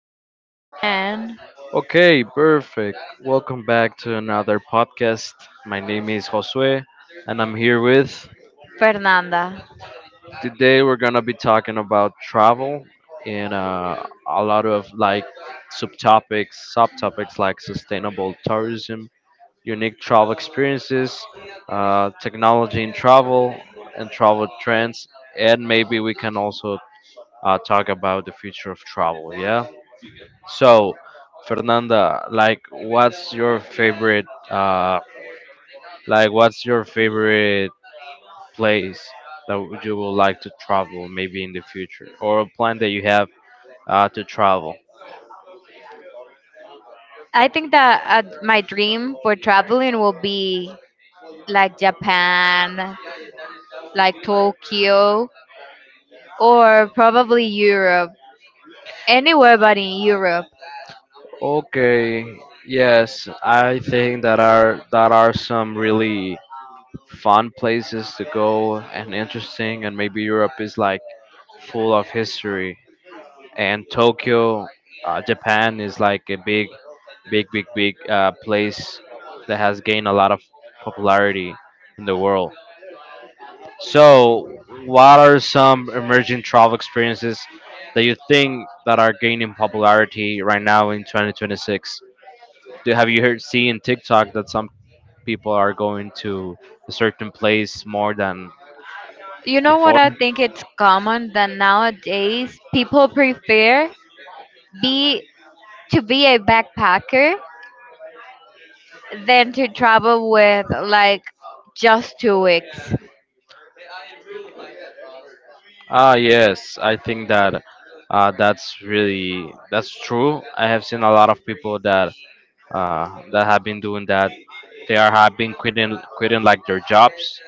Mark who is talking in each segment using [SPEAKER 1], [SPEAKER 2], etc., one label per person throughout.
[SPEAKER 1] Yes, I can.
[SPEAKER 2] Okay, perfect. Welcome back to another podcast. My name is Josue, and I'm here with.
[SPEAKER 1] Fernanda.
[SPEAKER 2] Today, we're going to be talking about travel and a lot of like subtopics like sustainable tourism, unique travel experiences, technology in travel, and travel trends. And maybe we can also talk about the future of travel. Yeah. So, Fernanda, like, what's your favorite? Like, what's your favorite place that you would like to travel, maybe in the future, or a plan that you have to travel?
[SPEAKER 1] I think that my dream for traveling will be like Japan, like Tokyo, or probably Europe, anywhere but in Europe.
[SPEAKER 2] Okay, yes, I think that are some really fun places to go and interesting, and maybe Europe is like full of history, and Tokyo, Japan is like a big place that has gained a lot of popularity in the world. So, what are some emerging travel experiences that you think that are gaining popularity right now in 2026? Do, have you heard seeing TikTok that some people are going to a certain place more than
[SPEAKER 1] You know what?
[SPEAKER 2] before?
[SPEAKER 1] I think it's common that nowadays people prefer be to be a backpacker than to travel with like just 2 weeks.
[SPEAKER 2] Ah, yes, I think that that's really that's true. I have seen a lot of people that that have been doing that. They are have been quitting like their jobs,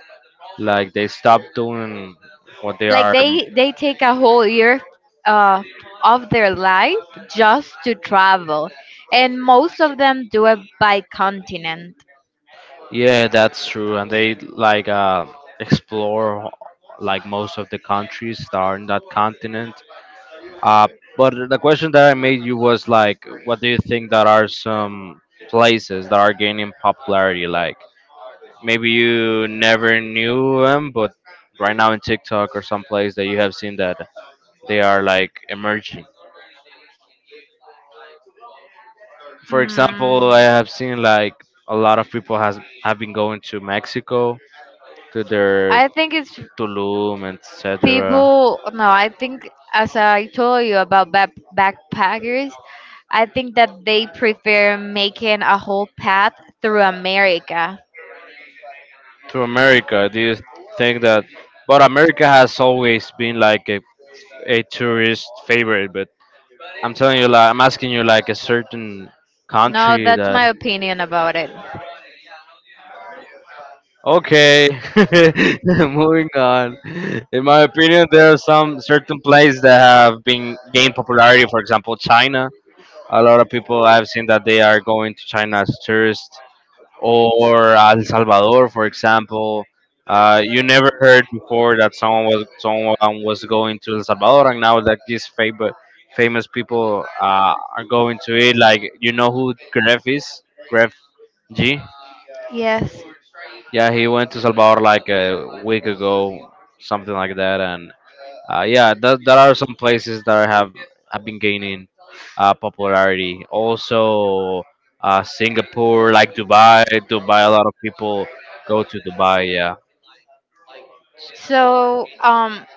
[SPEAKER 2] like they stop doing what they
[SPEAKER 1] Like
[SPEAKER 2] are.
[SPEAKER 1] they take a whole year uh, of their life just to travel, and most of them do it by continent.
[SPEAKER 2] Yeah, that's true, and they like explore like most of the countries that are in that continent. Uh, but the question that I made you was like, what do you think that are some places that are gaining popularity? Like maybe you never knew them, but right now in TikTok or some place that you have seen that they are like emerging. For example, I
[SPEAKER 1] mm,
[SPEAKER 2] have seen like a lot of people has have been going to Mexico, to their
[SPEAKER 1] I think it's
[SPEAKER 2] Tulum, etc.
[SPEAKER 1] people. No, I think, as I told you about backpackers, I think that they prefer making a whole path through America.
[SPEAKER 2] To America, do you think that? But America has always been like a tourist favorite. But I'm telling you, like I'm asking you, like a certain
[SPEAKER 1] No,
[SPEAKER 2] country
[SPEAKER 1] that's
[SPEAKER 2] that.
[SPEAKER 1] my opinion about it.
[SPEAKER 2] Okay, moving on. In my opinion, there are some certain places that have been gained popularity. For example, China. A lot of people I've seen that they are going to China as tourists, or El Salvador, for example. You never heard before that someone was going to El Salvador, and now that these famous people are going to it. Like, you know who Gref is? Gref G.
[SPEAKER 1] Yes. Yeah.
[SPEAKER 2] Yeah, he went to Salvador like a week ago, something like that, and yeah, there are some places that have been gaining popularity. Also, Singapore, like Dubai. Dubai, a lot of people go to Dubai. Yeah.
[SPEAKER 1] So,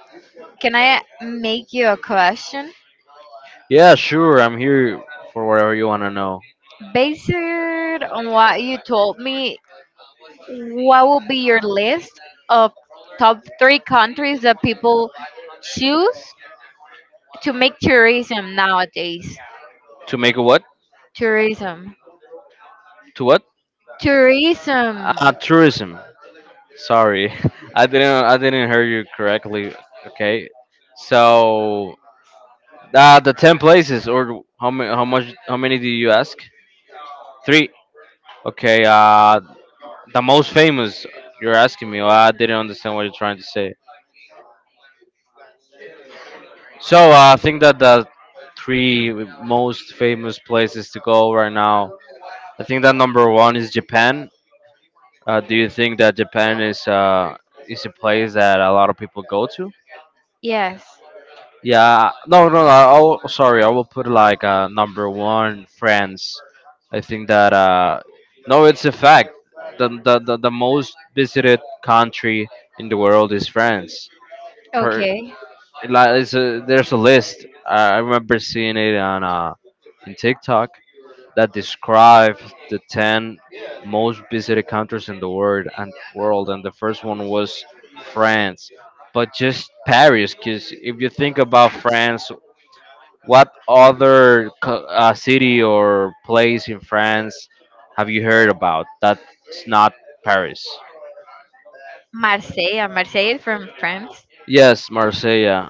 [SPEAKER 1] can I make you a question?
[SPEAKER 2] Yeah, sure. I'm here for whatever you wanna know.
[SPEAKER 1] Based on what you told me, what will be your list of top three countries that people choose to make tourism nowadays?
[SPEAKER 2] To make a what?
[SPEAKER 1] Tourism.
[SPEAKER 2] To what?
[SPEAKER 1] Tourism.
[SPEAKER 2] Tourism. Sorry, I didn't. I didn't hear you correctly. Okay. So, the ten places, or how many? How much? How many do you ask? Three. Okay. The most famous, you're asking me. Well, I didn't understand what you're trying to say. So I think that the three most famous places to go right now. I think that number one is Japan. Do you think that Japan is a place that a lot of people go to?
[SPEAKER 1] Yes.
[SPEAKER 2] Yeah, no, no, no. Sorry, I will put like number one France. I think that no, it's a fact. The most visited country in the world is France. Per.
[SPEAKER 1] Okay.
[SPEAKER 2] Like it's a, there's a list. I remember seeing it on in TikTok that describe the ten most visited countries in the world, and the first one was France, but just Paris. Because if you think about France, what other city or place in France have you heard about that's not Paris?
[SPEAKER 1] Marseille from France.
[SPEAKER 2] Yes, Marseille. Yeah.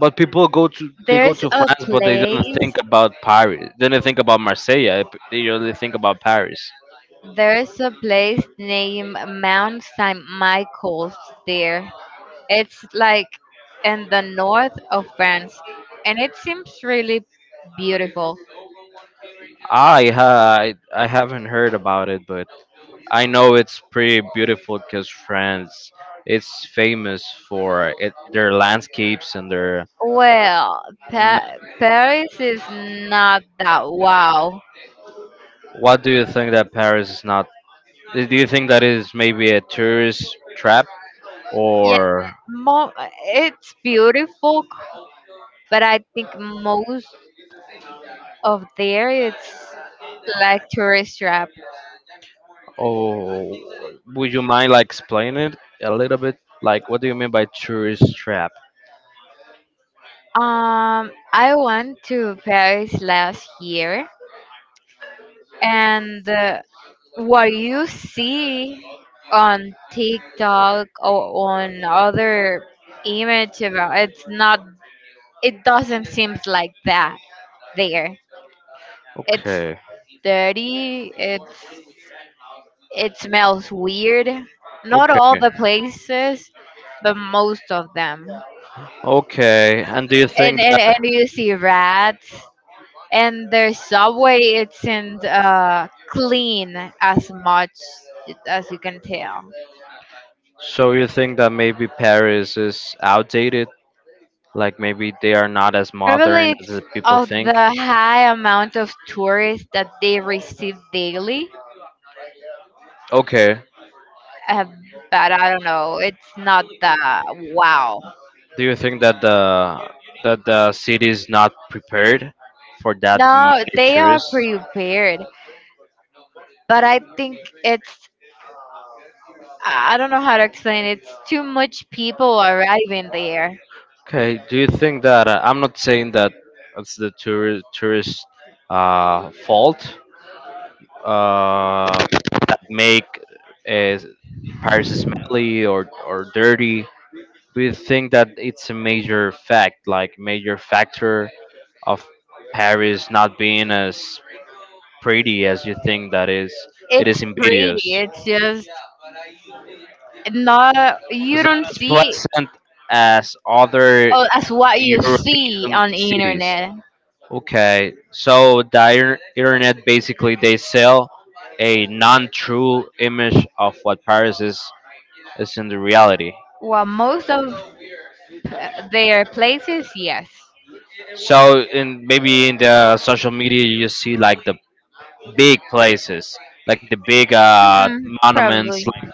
[SPEAKER 2] But people go to they go
[SPEAKER 1] There's
[SPEAKER 2] to
[SPEAKER 1] a
[SPEAKER 2] France, but they don't
[SPEAKER 1] place,
[SPEAKER 2] think about Paris. They don't think about Marseille. They only think about Paris.
[SPEAKER 1] there's a place named Mount St. Michael's there. It's like in the north of France, and it seems really beautiful.
[SPEAKER 2] I haven't heard about it, but I know it's pretty beautiful because France it's famous for it, their landscapes and their.
[SPEAKER 1] Well, Paris is not that wow.
[SPEAKER 2] What do you think that Paris is not? Do you think that is maybe a tourist trap,
[SPEAKER 1] Yeah,
[SPEAKER 2] or
[SPEAKER 1] mo- it's beautiful, but I think most of there it's like tourist trap.
[SPEAKER 2] oh, would you mind like explaining it a little bit? Like, what do you mean by tourist trap?
[SPEAKER 1] I went to Paris last year, and what you see on TikTok or on other image about, it's not, it doesn't seem like that there. It's
[SPEAKER 2] Okay.
[SPEAKER 1] dirty, it smells weird. Not all
[SPEAKER 2] Okay.
[SPEAKER 1] the places, but most of them.
[SPEAKER 2] Okay. And do you
[SPEAKER 1] And
[SPEAKER 2] think
[SPEAKER 1] and,
[SPEAKER 2] that
[SPEAKER 1] and you see rats, and their subway isn't clean as much as you can tell.
[SPEAKER 2] so you think that maybe Paris is outdated? Like maybe they are not as
[SPEAKER 1] Probably
[SPEAKER 2] modern as
[SPEAKER 1] it's
[SPEAKER 2] the people
[SPEAKER 1] of
[SPEAKER 2] think?
[SPEAKER 1] the high amount of tourists that they receive daily.
[SPEAKER 2] Okay.
[SPEAKER 1] Uh, but I don't know, it's not that wow.
[SPEAKER 2] Do you think that the city is not prepared for that
[SPEAKER 1] No,
[SPEAKER 2] many
[SPEAKER 1] they are
[SPEAKER 2] tourists?
[SPEAKER 1] prepared, but I think it's I don't know how to explain it. It's too much people arriving there.
[SPEAKER 2] Okay. Do you think that I'm not saying that it's the tourist fault that make uh, Paris smelly or dirty? We think that it's a major factor of Paris not being as pretty as you think that is. It is
[SPEAKER 1] It's
[SPEAKER 2] invidious.
[SPEAKER 1] pretty. It's just not,
[SPEAKER 2] It's
[SPEAKER 1] you
[SPEAKER 2] not
[SPEAKER 1] don't
[SPEAKER 2] as
[SPEAKER 1] see
[SPEAKER 2] pleasant as other
[SPEAKER 1] as what you see
[SPEAKER 2] European
[SPEAKER 1] on
[SPEAKER 2] cities.
[SPEAKER 1] internet.
[SPEAKER 2] Okay, so the internet basically they sell a non-true image of what Paris is in the reality.
[SPEAKER 1] Well, most of their places, yes.
[SPEAKER 2] So in maybe in the social media you just see like the big places like the big
[SPEAKER 1] Hmm.
[SPEAKER 2] monuments
[SPEAKER 1] Probably.
[SPEAKER 2] like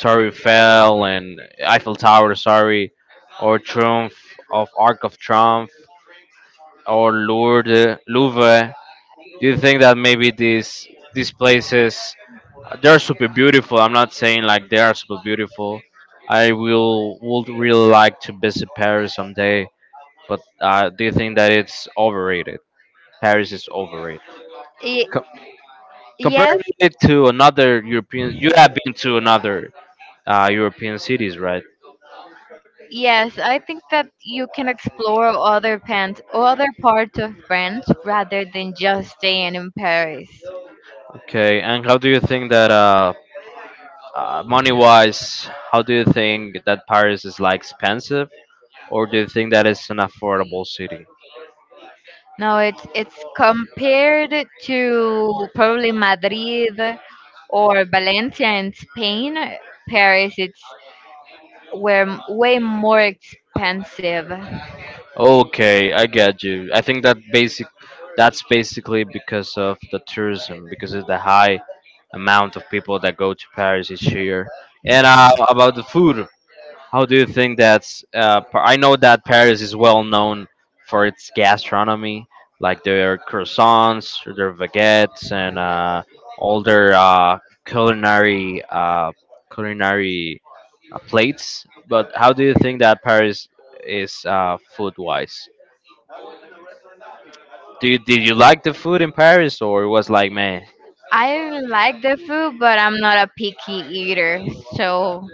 [SPEAKER 2] Torre Eiffel and Eiffel Tower, sorry, or Triumph of Arc of Triumph or Lourdes, Louvre. Do you think that maybe these places they're super beautiful? I'm not saying like they are super beautiful. I will would really like to visit Paris someday, but do you think that it's overrated? Paris is overrated.
[SPEAKER 1] Ye-
[SPEAKER 2] Comparing
[SPEAKER 1] yes.
[SPEAKER 2] it to another European, you have been to another European cities, right?
[SPEAKER 1] Yes, I think that you can explore other parts of France rather than just staying in Paris.
[SPEAKER 2] Okay, and how do you think that money-wise, how do you think that Paris is like expensive, or do you think that it's an affordable city?
[SPEAKER 1] No, it's compared to probably Madrid or Valencia in Spain. Paris, it's where way more expensive.
[SPEAKER 2] Okay, I get you. I think that that's basically because of the tourism, because of the high amount of people that go to Paris each year. And about the food, how do you think that's? I know that Paris is well known for its gastronomy, like their croissants, their baguettes, and all their culinary uh, culinary plates. But how do you think that Paris is food wise? Do you, did you like the food in Paris, or it was like man?
[SPEAKER 1] I like the food, but I'm not a picky eater, so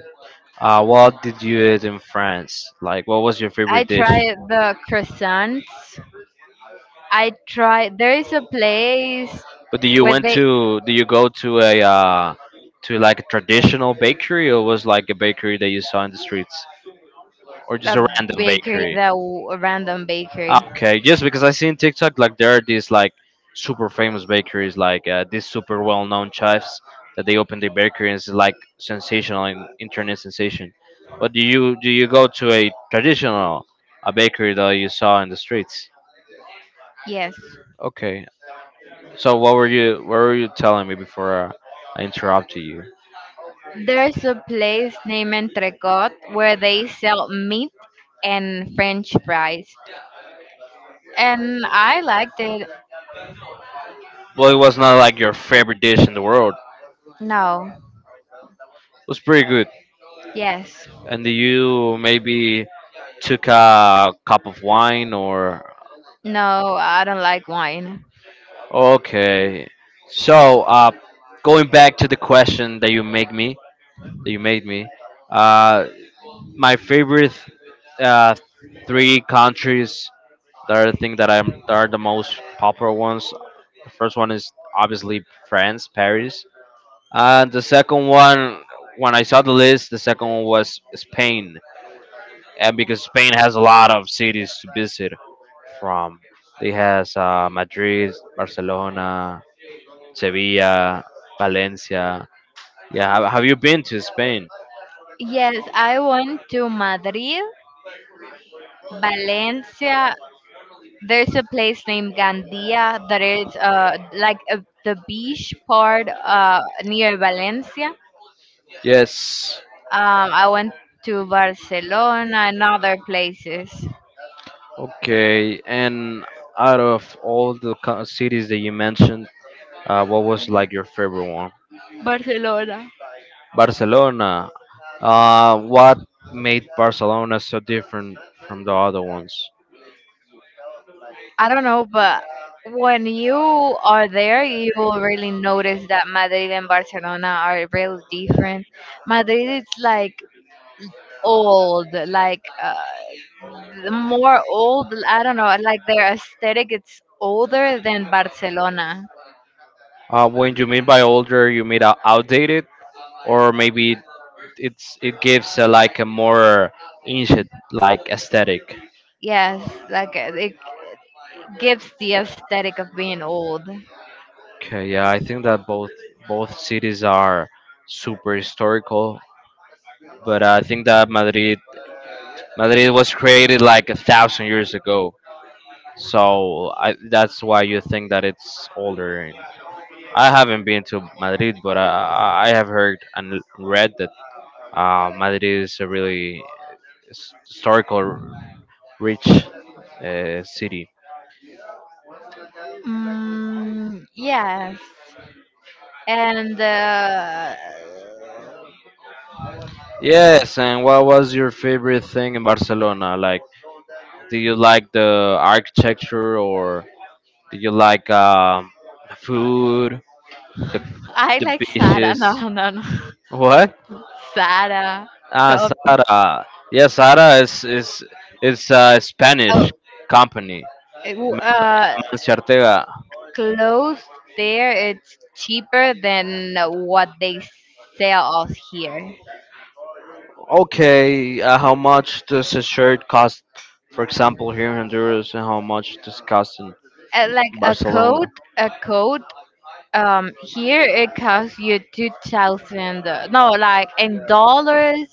[SPEAKER 2] What did you eat in France? Like, what was your
[SPEAKER 1] I
[SPEAKER 2] favorite dish?
[SPEAKER 1] try the croissants. I try. There is a place
[SPEAKER 2] But
[SPEAKER 1] where they
[SPEAKER 2] do you go to a to like a traditional bakery or was like a bakery that you saw in the streets or just
[SPEAKER 1] a
[SPEAKER 2] a random bakery?
[SPEAKER 1] a random bakery.
[SPEAKER 2] Ah, okay, just because I seen TikTok like there are these like super famous bakeries like these super well known chefs that they open their bakery and it's like sensational and internet sensation. But do you go to a traditional a bakery that you saw in the streets?
[SPEAKER 1] Yes,
[SPEAKER 2] Okay, so what were you telling me before I interrupted you?
[SPEAKER 1] there's a place named Entrecot where they sell meat and French fries, and I liked it.
[SPEAKER 2] Well, it was not like your favorite dish in the world. It
[SPEAKER 1] No,
[SPEAKER 2] was pretty good.
[SPEAKER 1] yes,
[SPEAKER 2] And you maybe took a cup of wine or.
[SPEAKER 1] no, I don't like wine.
[SPEAKER 2] Okay. So, going back to the question that you made me, uh, my favorite uh, three countries that I think that I'm that are the most popular ones. The first one is obviously France, Paris. And the second one, when I saw the list, the second one was Spain. And because Spain has a lot of cities to visit from. They has Madrid, Barcelona, Sevilla, Valencia. Yeah, have you been to Spain?
[SPEAKER 1] Yes, I went to Madrid, Valencia. There's a place named Gandia that is like the beach part near Valencia.
[SPEAKER 2] Yes.
[SPEAKER 1] I went to Barcelona and other places.
[SPEAKER 2] Okay. And out of all the cities that you mentioned, what was like your favorite one?
[SPEAKER 1] Barcelona.
[SPEAKER 2] Barcelona. What made Barcelona so different from the other ones?
[SPEAKER 1] I don't know, but when you are there, you will really notice that Madrid and Barcelona are real different. Madrid is like old, like the more old. I don't know, like their aesthetic, it's older than Barcelona.
[SPEAKER 2] When you mean by older, you mean outdated, or maybe it's it gives like a more ancient like aesthetic.
[SPEAKER 1] Yes, like it gives the aesthetic of being old.
[SPEAKER 2] Okay, yeah, I think that both both cities are super historical, but I think that Madrid was created like 1,000 years ago, so I, that's why you think that it's older. I haven't been to Madrid, but I have heard and read that Madrid is a really historical rich city.
[SPEAKER 1] Mm, yes, and
[SPEAKER 2] Yes, and what was your favorite thing in Barcelona? Like, do you like the architecture or do you like the food, the,
[SPEAKER 1] I
[SPEAKER 2] the
[SPEAKER 1] like Sara.
[SPEAKER 2] beaches?
[SPEAKER 1] No, no, no.
[SPEAKER 2] What?
[SPEAKER 1] Sara,
[SPEAKER 2] Ah,
[SPEAKER 1] Chop.
[SPEAKER 2] Sara. Yeah, Sara is it's a
[SPEAKER 1] Oh,
[SPEAKER 2] Spanish company.
[SPEAKER 1] it w- uh,
[SPEAKER 2] Mancia Ortega.
[SPEAKER 1] clothes there, it's cheaper than what they sell us here.
[SPEAKER 2] Okay, how much does a shirt cost, for example, here in Honduras, and how much does it cost in
[SPEAKER 1] Like a coat,
[SPEAKER 2] Barcelona?
[SPEAKER 1] a coat here it costs you 2,000, no, like in dollars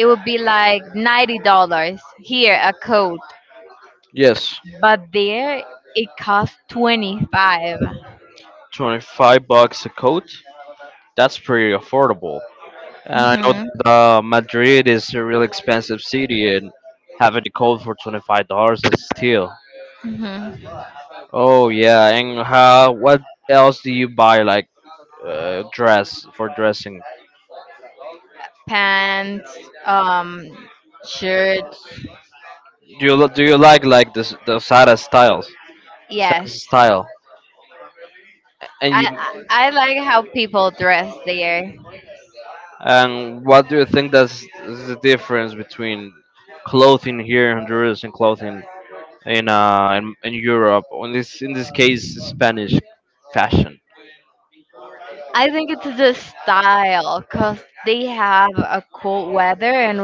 [SPEAKER 1] it would be like $90 here a coat,
[SPEAKER 2] Yes,
[SPEAKER 1] but there it costs 25.
[SPEAKER 2] 25 bucks a coat. That's pretty affordable. And I know
[SPEAKER 1] Mhm.
[SPEAKER 2] that Madrid is a really expensive city, and having a cold for $25 is a steal.
[SPEAKER 1] Mhm.
[SPEAKER 2] Oh yeah, and how, what else do you buy like dress for dressing?
[SPEAKER 1] Pants, um shirts.
[SPEAKER 2] Do you like this the Sada styles, Sada
[SPEAKER 1] Yes,
[SPEAKER 2] style? And
[SPEAKER 1] I,
[SPEAKER 2] you
[SPEAKER 1] I I like how people dress there.
[SPEAKER 2] and what do you think that's is the difference between clothing here in Honduras and clothing in in Europe? Or in this case, Spanish fashion.
[SPEAKER 1] I think it's the style because they have a cold weather, and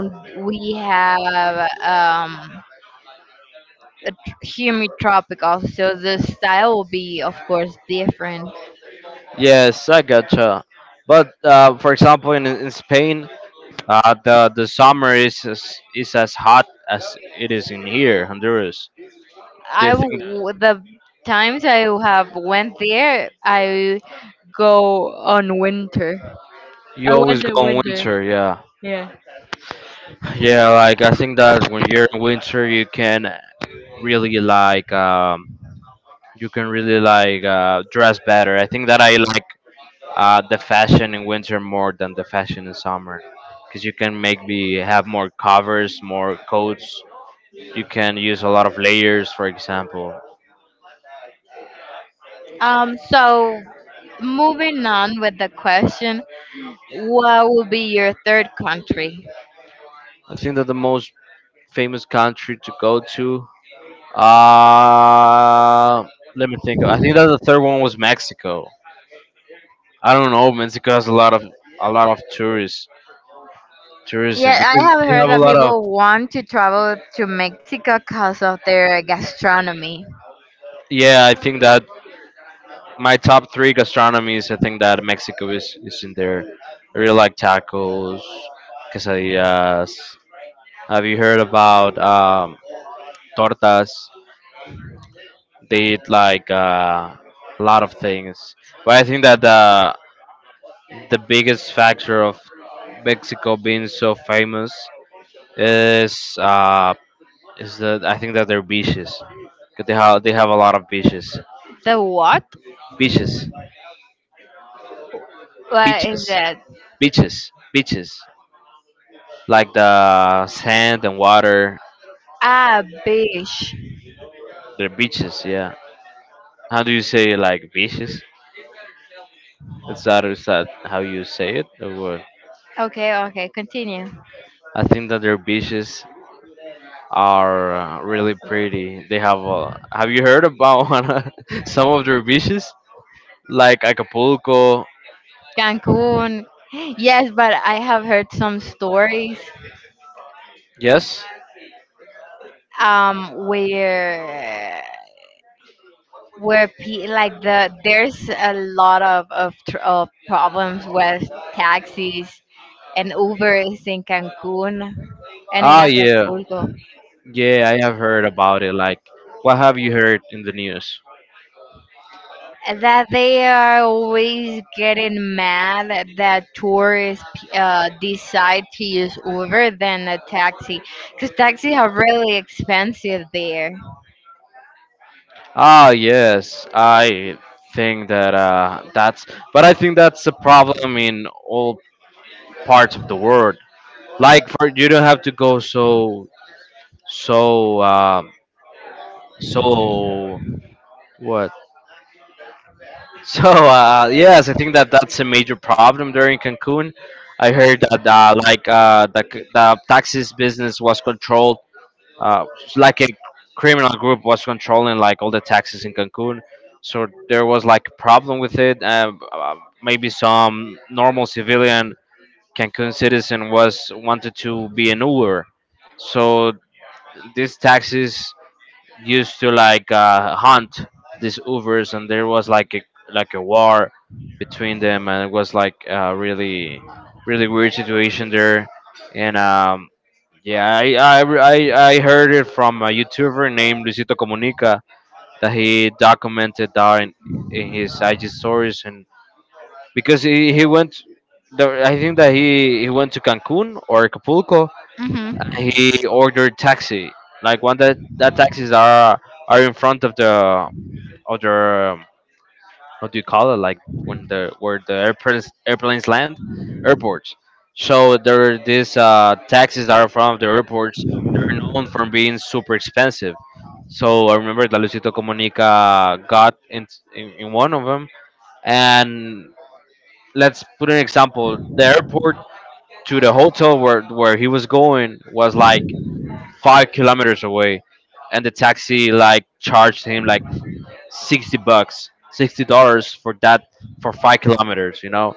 [SPEAKER 1] we have a humid tropical, so the style will be, of course, different.
[SPEAKER 2] Yes, I gotcha. But for example, in Spain, the is as hot as it is in here, Honduras. They think
[SPEAKER 1] The times I have went there, I go on winter. I
[SPEAKER 2] you always
[SPEAKER 1] went in
[SPEAKER 2] go in
[SPEAKER 1] winter.
[SPEAKER 2] winter. Yeah,
[SPEAKER 1] Yeah.
[SPEAKER 2] yeah. Like I think that when you're in winter, you can really you can really like dress better. I think that I like the fashion in winter more than the fashion in summer, because you can make me have more covers, more coats. You can use a lot of layers, for example.
[SPEAKER 1] So, moving on with the question, what will be your third country?
[SPEAKER 2] I think that the most famous country to go to, uh, let me think. I think that the third one was Mexico. I don't know. Mexico has a lot of tourists, tourism
[SPEAKER 1] Yeah, I
[SPEAKER 2] because
[SPEAKER 1] have
[SPEAKER 2] they
[SPEAKER 1] heard
[SPEAKER 2] have a
[SPEAKER 1] that
[SPEAKER 2] lot of.
[SPEAKER 1] people want to travel to Mexico because of their gastronomy.
[SPEAKER 2] Yeah, I think that my top three gastronomies. I think that Mexico is in there. I really like tacos, quesadillas. Have you heard about tortas? They eat like a lot of things, but I think that the biggest factor of Mexico being so famous is that I think that their beaches. 'Cause they have a lot of beaches,
[SPEAKER 1] The what?
[SPEAKER 2] beaches,
[SPEAKER 1] What is
[SPEAKER 2] beaches,
[SPEAKER 1] it?
[SPEAKER 2] beaches, beaches. Like the sand and water,
[SPEAKER 1] Ah, beach.
[SPEAKER 2] they're beaches. Yeah. How do you say like beaches? Is that how you say it? Or what?
[SPEAKER 1] Okay, okay, continue.
[SPEAKER 2] I think that they're beaches are really pretty. They have a, have you heard about some of their beaches like Acapulco?
[SPEAKER 1] Cancun. Yes, but I have heard some stories
[SPEAKER 2] Yes.
[SPEAKER 1] where, there's a lot of problems with taxis and Ubers in Cancun and in
[SPEAKER 2] Ah, yeah,
[SPEAKER 1] Acapulco,
[SPEAKER 2] yeah. I have heard about it. Like, what have you heard in the news?
[SPEAKER 1] that they are always getting mad that tourists decide to use Uber than a taxi, because taxis are really expensive there.
[SPEAKER 2] Ah, yes. I think that but I think that's a problem in all parts of the world. Like, for you don't have to go so so so what So yes, I think that that's a major problem there in Cancun. I heard that the taxis business was controlled, uh, like a criminal group was controlling like all the taxis in Cancun. So there was like a problem with it. Maybe some normal civilian Cancun citizen was wanted to be an Uber. So these taxis used to like hunt
[SPEAKER 1] Like
[SPEAKER 2] these Ubers, and there
[SPEAKER 1] was.
[SPEAKER 2] was like a war between them, and it was like a really really weird situation there. And Yeah, I heard it from a
[SPEAKER 1] The
[SPEAKER 2] YouTuber named Luisito Comunica that he documented that in his IG stories, and
[SPEAKER 1] he, he.
[SPEAKER 2] because he went. I think that he went to Cancun or Acapulco,
[SPEAKER 1] Hmm.
[SPEAKER 2] he ordered taxi, like one that that taxis are in front of the um, what do you call it, like when the where the airplanes land, airports. So there are these taxis that are from the airports. They're known for being super expensive. So I remember that Lucito Comunica got in one of them, and let's put an example. The airport to the hotel where he was going was like 5 kilometers away, and the taxi like charged him like $60, $60 for that for five kilometers.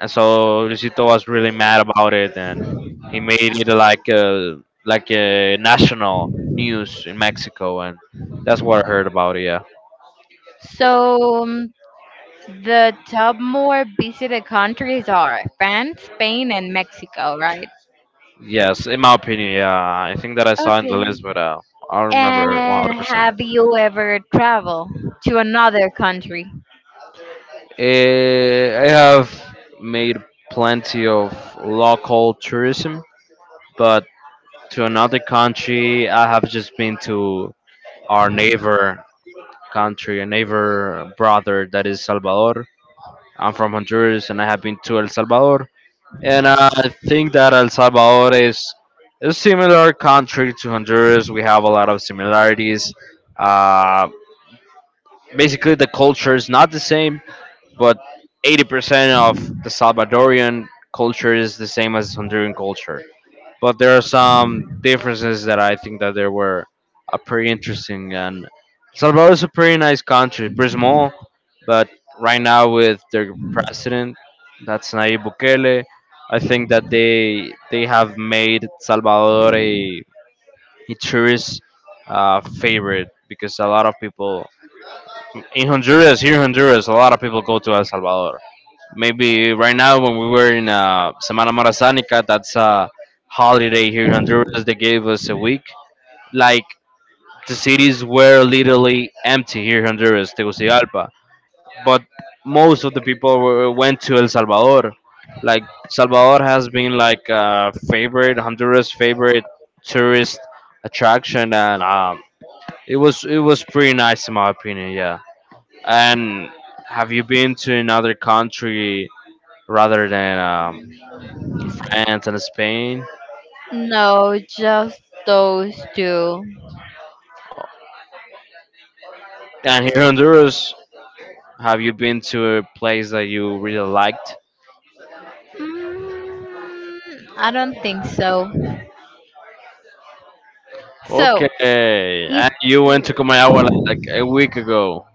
[SPEAKER 2] And so Luisito was really mad about it, and he made it like a national news in Mexico, and that's what I heard about it. Yeah.
[SPEAKER 1] So, the top more visited countries are France, Spain, and Mexico, right?
[SPEAKER 2] Yes, in my opinion, yeah, I think that I saw in the
[SPEAKER 1] Okay.
[SPEAKER 2] list, but I don't remember one hundred
[SPEAKER 1] And
[SPEAKER 2] percent.
[SPEAKER 1] have you ever traveled to another country?
[SPEAKER 2] Eh, I have made plenty of local tourism, but to another country. I have just been to our neighbor country, a neighbor brother that is Salvador. I'm from Honduras and I have been to El Salvador. And I think that El Salvador is a similar country to Honduras. We have a lot of similarities. Uh, basically, the culture is not the same, but 80% of the Salvadorian culture is the same as Honduran culture. But there are some differences that I think that they were pretty interesting. And Salvador is a pretty nice country, pretty small, but right now with their president, that's Nayib Bukele, I think that they have made Salvador a tourist favorite because a lot of people in Honduras, here in Honduras, a lot of people go to El Salvador. Maybe right now when we were in Semana Morazánica, that's a holiday here in Honduras. They gave us a week. Like the cities were literally empty here in Honduras, Tegucigalpa. But most of the people were, went to El Salvador. Like Salvador has been like a favorite Honduras favorite tourist attraction, and it was pretty nice in my opinion. Yeah. And have you been to another country rather than France and Spain.
[SPEAKER 1] No, just those two.
[SPEAKER 2] And here in Honduras, have you been to a place that you really liked?
[SPEAKER 1] Mm, I don't think so. So,
[SPEAKER 2] Okay.
[SPEAKER 1] if
[SPEAKER 2] And you went to Comayagua like a week ago.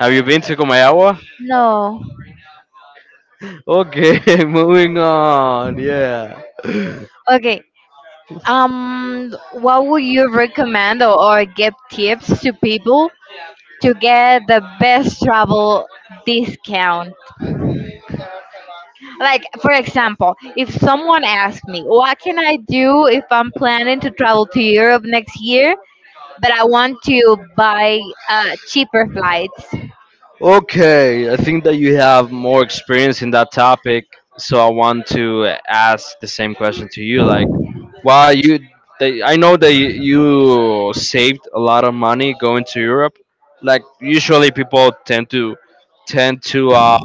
[SPEAKER 2] Have you been to Comayagua?
[SPEAKER 1] no,
[SPEAKER 2] Okay, moving on. Yeah.
[SPEAKER 1] okay. What would you recommend, or give tips to people to get the best travel discount? Like, for example, if someone asks me, what can I do if I'm planning to travel to Europe next year, but I want to buy cheaper flights?
[SPEAKER 2] Okay, I think that you have more experience in that topic, so I want to ask the same question to you. Like, while I know that you saved a lot of money going to Europe. Like, usually people tend to tend to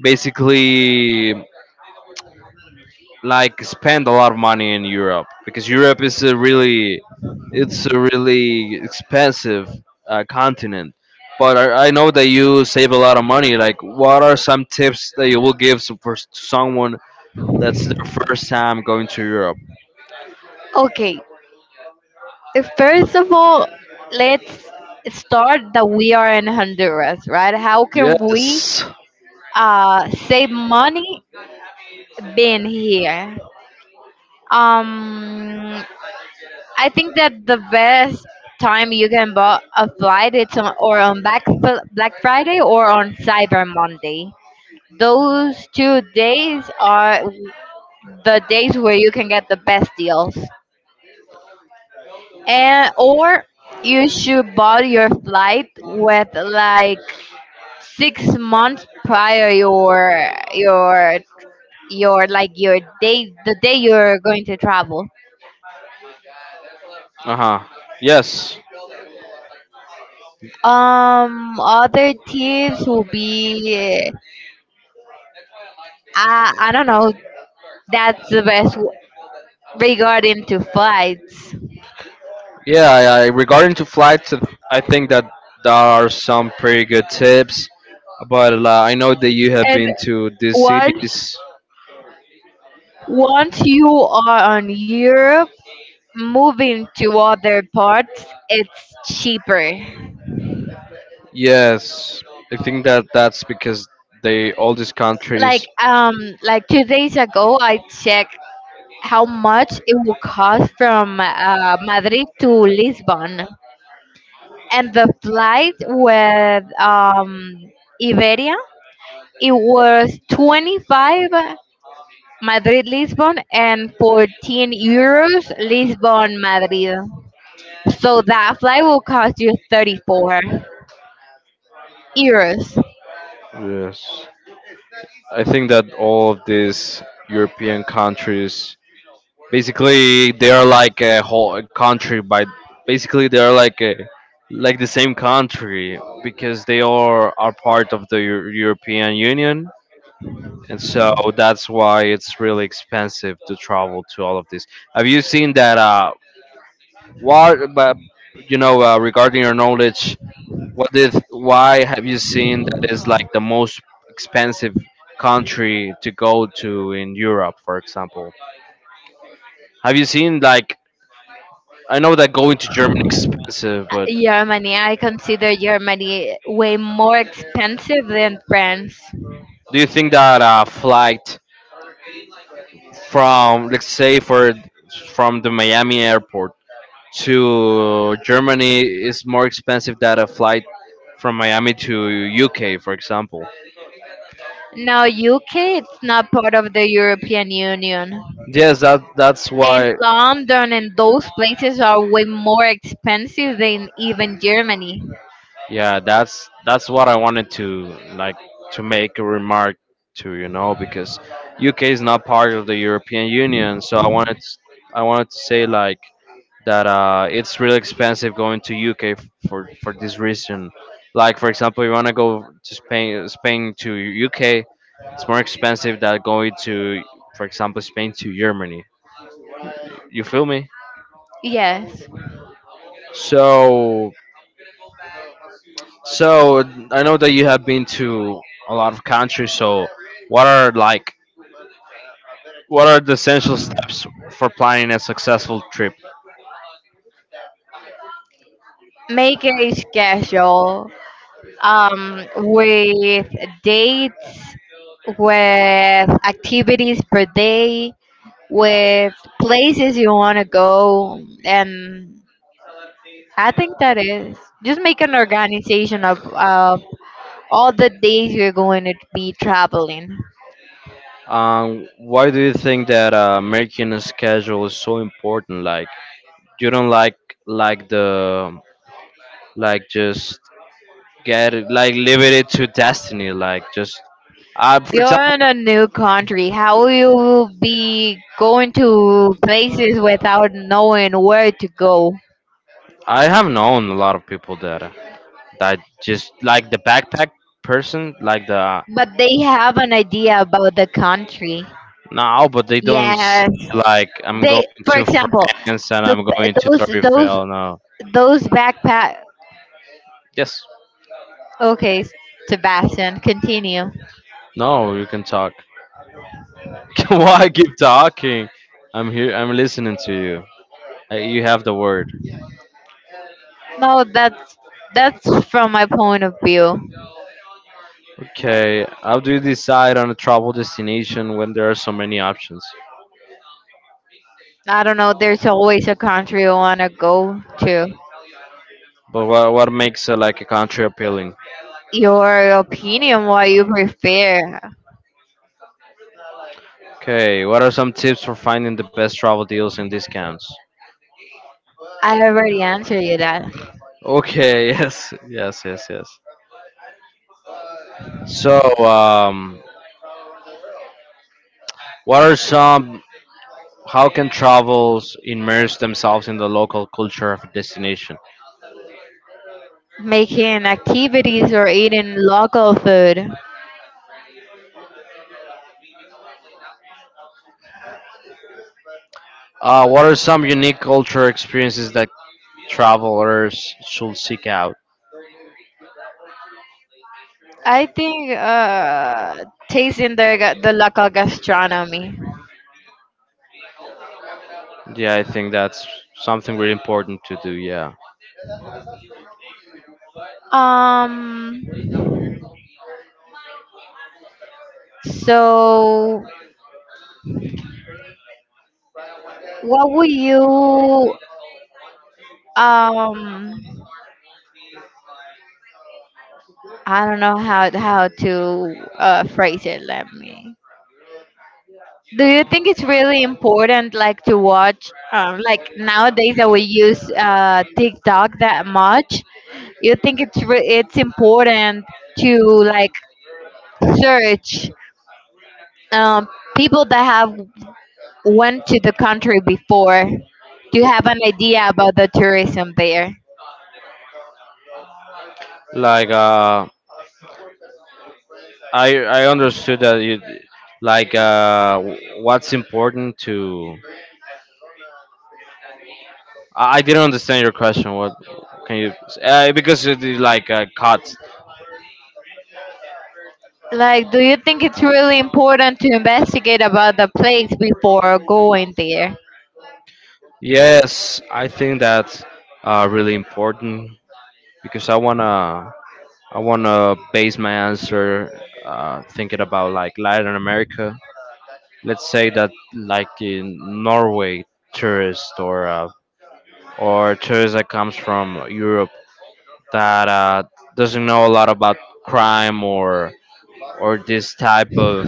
[SPEAKER 2] basically like spend a lot of money in Europe because Europe is a really it's a really expensive continent. But I know that you save a lot of money. Like, what are some tips that you will give for someone that's their first time going to Europe?
[SPEAKER 1] Okay, first of all, let's start that we are in Honduras, right? How can we
[SPEAKER 2] Yes.
[SPEAKER 1] save money being here? Um, I think that the best time you can buy a flight, it's on Black Friday or on Cyber Monday. Those 2 days are the days where you can get the best deals. And or you should buy your flight with like 6 months prior your your like your day the day you're going to travel.
[SPEAKER 2] Uh huh. Yes.
[SPEAKER 1] Other tips will be, I don't know. That's the best regarding to flights.
[SPEAKER 2] Yeah. Regarding to flights, I think that there are some pretty good tips. But I know that you have
[SPEAKER 1] And
[SPEAKER 2] been to these
[SPEAKER 1] once
[SPEAKER 2] cities.
[SPEAKER 1] once you are on Europe, moving to other parts, it's cheaper.
[SPEAKER 2] Yes, I think that that's because they all these countries.
[SPEAKER 1] Like 2 days ago, I checked how much it will cost from Madrid to Lisbon, and the flight with Iberia, it was 25 Madrid-Lisbon and 14 euros Lisbon-Madrid. So that flight will cost you 34 euros.
[SPEAKER 2] Yes, I think that all of these European countries, basically, they are like a whole country. By basically, they are like a like the same country because they are part of the European Union, and so that's why it's really expensive to travel to all of this. Have you seen that? But you know, regarding your knowledge, what is why have you seen that is like the most expensive country to go to in Europe, for example? Have you seen like I know that going to Germany is expensive, but
[SPEAKER 1] Germany, I consider Germany way more expensive than France.
[SPEAKER 2] do you think that a flight from let's say for from the Miami airport to Germany is more expensive than a flight from Miami to UK, for example?
[SPEAKER 1] Now UK, it's not part of the European Union.
[SPEAKER 2] Yes, that's
[SPEAKER 1] And
[SPEAKER 2] why.
[SPEAKER 1] London and those places are way more expensive than even Germany.
[SPEAKER 2] Yeah, that's what I wanted to like to make a remark to, you know, because UK is not part of the European Union, so I wanted I wanted to say like that it's really expensive going to UK for this reason. Like for example, you want to go to Spain to UK, it's more expensive than going to, for example, Spain to Germany. You feel me?
[SPEAKER 1] Yes.
[SPEAKER 2] So So I know that you have been to a lot of countries. So what are like what are the essential steps for planning a successful trip?
[SPEAKER 1] Make it schedule, with dates, with activities per day, with places you want to go. And I think that is, just make an organization of all the days you're going to be traveling.
[SPEAKER 2] Why do you think that making a schedule is so important? Like you don't like the like just get it like leave it to destiny. Like just for
[SPEAKER 1] You're
[SPEAKER 2] example,
[SPEAKER 1] in a new country. How will you be going to places without knowing where to go?
[SPEAKER 2] I have known a lot of people that that just like the backpack person, like the.
[SPEAKER 1] But they have an idea about the country.
[SPEAKER 2] No, but they don't say
[SPEAKER 1] Yes.
[SPEAKER 2] like I'm going
[SPEAKER 1] They, for
[SPEAKER 2] to
[SPEAKER 1] example,
[SPEAKER 2] France and
[SPEAKER 1] the
[SPEAKER 2] I'm
[SPEAKER 1] b-
[SPEAKER 2] going to Torre Eiffel. No.
[SPEAKER 1] those backpack.
[SPEAKER 2] Yes.
[SPEAKER 1] Okay, Sebastian, continue.
[SPEAKER 2] No, you can talk. Why keep talking? I'm here. I'm listening to you. You have the word.
[SPEAKER 1] No, that's from my point of view.
[SPEAKER 2] Okay. How do you decide on a travel destination when there are so many options?
[SPEAKER 1] I don't know. There's always a country you wanna go to.
[SPEAKER 2] But what makes like a country appealing?
[SPEAKER 1] Your opinion, what you prefer.
[SPEAKER 2] Okay. What are some tips for finding the best travel deals and discounts?
[SPEAKER 1] I already answered you that.
[SPEAKER 2] Okay. Yes. Yes. Yes. Yes. So, what are some how can travelers immerse themselves in the local culture of a destination?
[SPEAKER 1] Making activities or eating local food.
[SPEAKER 2] What are some unique culture experiences that travelers should seek out?
[SPEAKER 1] I think tasting the local gastronomy.
[SPEAKER 2] Yeah, I think that's something really important to do. Yeah,
[SPEAKER 1] Um. So, what would you, um I don't know how to phrase it. Let me. Do you think it's really important, like, to watch, like nowadays that we use TikTok that much? You think it's it's important to like search um, people that have went to the country before? Do you have an idea about the tourism there?
[SPEAKER 2] like I understood that you like what's important to. I didn't understand your question. What can you? Because it is like cuts.
[SPEAKER 1] Like, do you think it's really important to investigate about the place before going there?
[SPEAKER 2] Yes, I think that's really important because I wanna I want to base my answer thinking about like Latin America. Let's say that like in Norway, tourist or tourist that comes from Europe that doesn't know a lot about crime or or this type of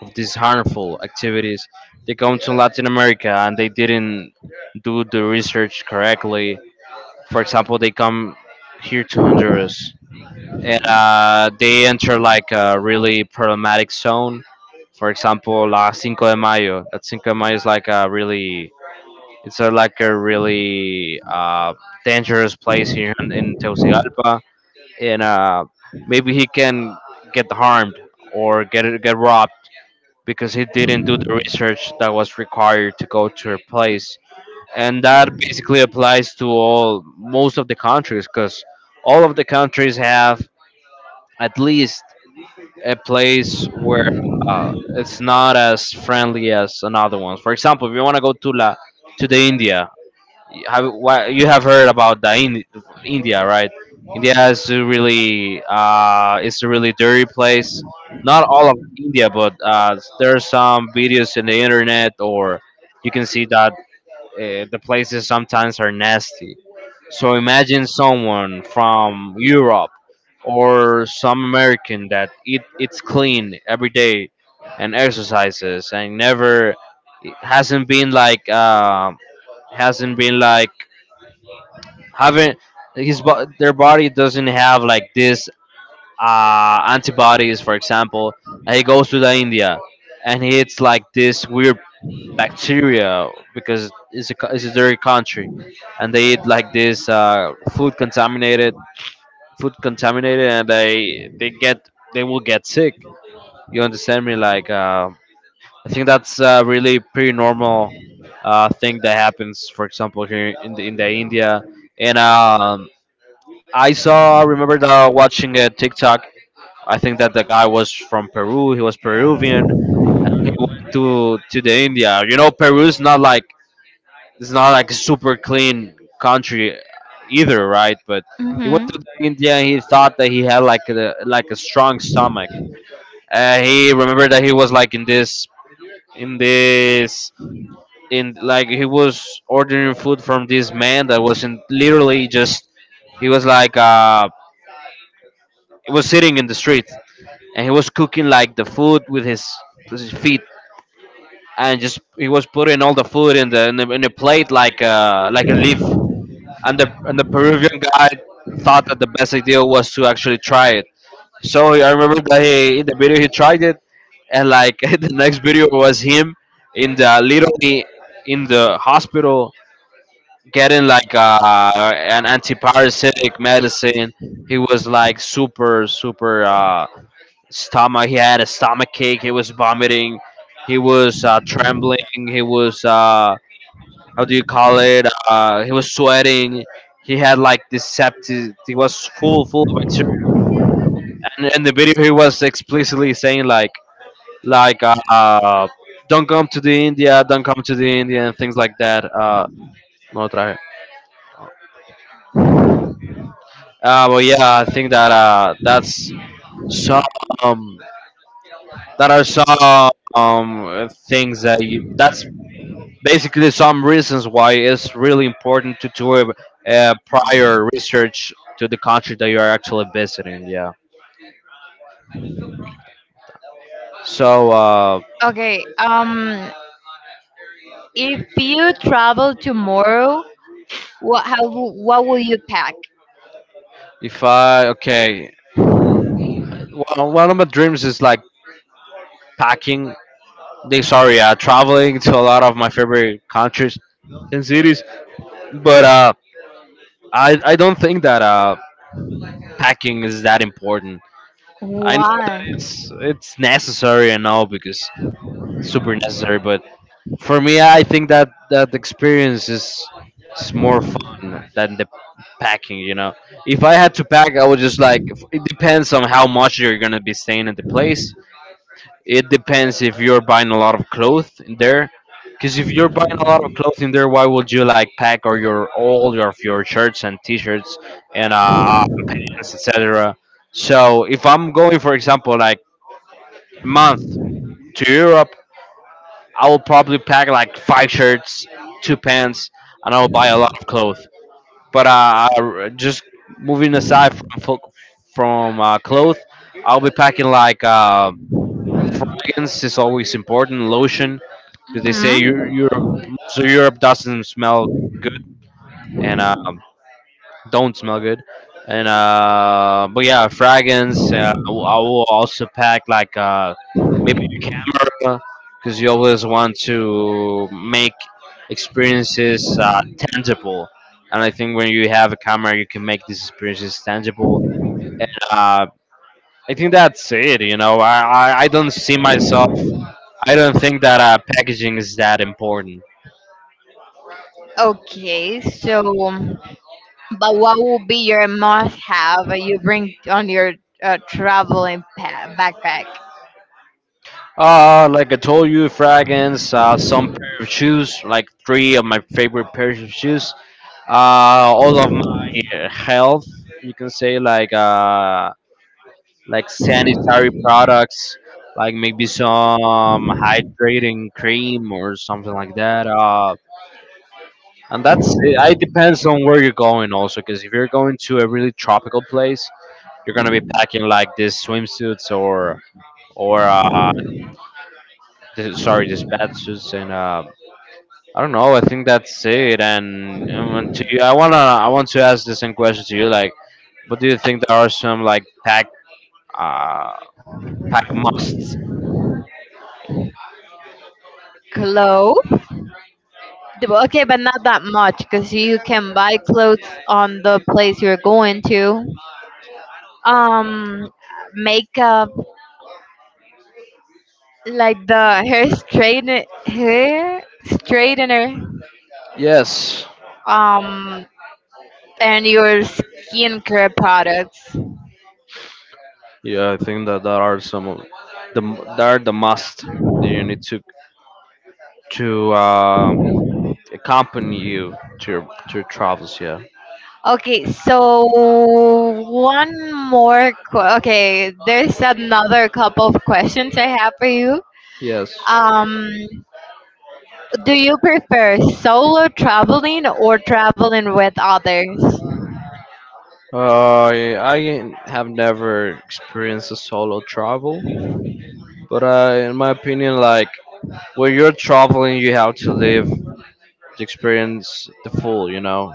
[SPEAKER 2] of these harmful activities. They come to Latin America and they didn't do the research correctly. For example, they come here to Honduras and they enter like a really problematic zone. For example, La Cinco de Mayo. That Cinco de Mayo is like a really, it's a really dangerous place here in Tegucigalpa, and maybe he can get harmed or get robbed because he didn't do the research that was required to go to a place, and that basically applies to all most of the countries because all of the countries have at least a place where it's not as friendly as another one. For example, if you want to go to the India, you have you have heard about the India, right? India is a really it's a really dirty place. Not all of India, but there are some videos in the internet, or you can see that the places sometimes are nasty. So imagine someone from Europe or some American that eat it's clean every day and exercises and never it hasn't been like haven't his bo- their body doesn't have like this antibodies for example and he goes to the India and he eats like this weird bacteria because it's a dirty country, and they eat like this food contaminated, and they get they will get sick. You understand me? Like I think that's a really pretty normal thing that happens. For example, here in the India, and I remember watching a TikTok. I think that the guy was from Peru. He was Peruvian. He went to the India. You know, Peru's not like it's not like a super clean country either, right? But he went to India and he thought that he had like a strong stomach. He remembered that he was like in this in this in like he was ordering food from this man that was in
[SPEAKER 1] Hmm.
[SPEAKER 2] literally just he was he was sitting in the street and he was cooking like the food with his feet and just he was putting all the food in a plate like a leaf and the Peruvian guy thought that the best idea was to actually try it. So I remember that he in the video he tried it, and like the next video was him in the literally in the hospital getting like an antiparasitic medicine. He was like super stomach. He had a stomach ache. He was vomiting. He was trembling. He was how do you call it? He was sweating. He had like this septic. He was full of bacteria. And in the video, he was explicitly saying like, don't come to the India, don't come to the India, and things like that. No try. But yeah, I think that some. That are some things that you. That's basically some reasons why it's really important to do a prior research to the country that you are actually visiting. Yeah. So
[SPEAKER 1] Okay. If you travel tomorrow, what will you pack?
[SPEAKER 2] if I okay, one of my dreams is like packing. Traveling to a lot of my favorite countries and cities. But I don't think that packing is that important. I know that
[SPEAKER 1] Why?
[SPEAKER 2] it's necessary and all because it's super necessary, but. For me, I think that experience is more fun than the packing. You know, if I had to pack, I would just It depends on how much you're gonna be staying at the place. It depends if you're buying a lot of clothes in there. Because if you're buying a lot of clothes in there, why would you like pack or your all your of your shirts and t-shirts and pants, etc. So if I'm going, for example, like month to Europe, I will probably pack like five shirts, two pants, and I will buy a lot of clothes. But I- just moving aside from clothes, I'll be packing like fragrance is always important, lotion because they say
[SPEAKER 1] Hmm.
[SPEAKER 2] Europe, most of Europe doesn't smell good, and don't smell good. And but yeah, fragrance. I will also pack like maybe a camera because you always want to make experiences tangible. And I think when you have a camera, you can make these experiences tangible. And I think that's it. You know, I don't see myself. I don't think that packaging is that important.
[SPEAKER 1] Okay. So, but what will be your must-have you bring on your traveling backpack?
[SPEAKER 2] Like I told you, fragrance, some pair of shoes, like three of my favorite pairs of shoes. Uh, all of my health, you can say, like sanitary products, like maybe some hydrating cream or something like that. And that's it. It depends on where you're going also, because if you're going to a really tropical place, you're gonna be packing like these swimsuits or sorry, these bathsuits and I don't know. I think that's it. And when to you, I want to ask the same question to you. Like, what do you think there are some like uh pack musts?
[SPEAKER 1] Clothes. Well, okay, but not that much because you can buy clothes on the place you're going to. Um, makeup, like the hair straightener.
[SPEAKER 2] Yes.
[SPEAKER 1] Um, and your skincare products.
[SPEAKER 2] Yeah, I think that there are some of there are the must that you need to accompany you to your travels. Yeah.
[SPEAKER 1] Okay, so one more. Okay, there's another couple of questions I have for you.
[SPEAKER 2] Yes.
[SPEAKER 1] Um, do you prefer solo traveling or traveling with others?
[SPEAKER 2] I have never experienced a solo travel, but in my opinion, like when you're traveling, you have to leave to experience the full, you know.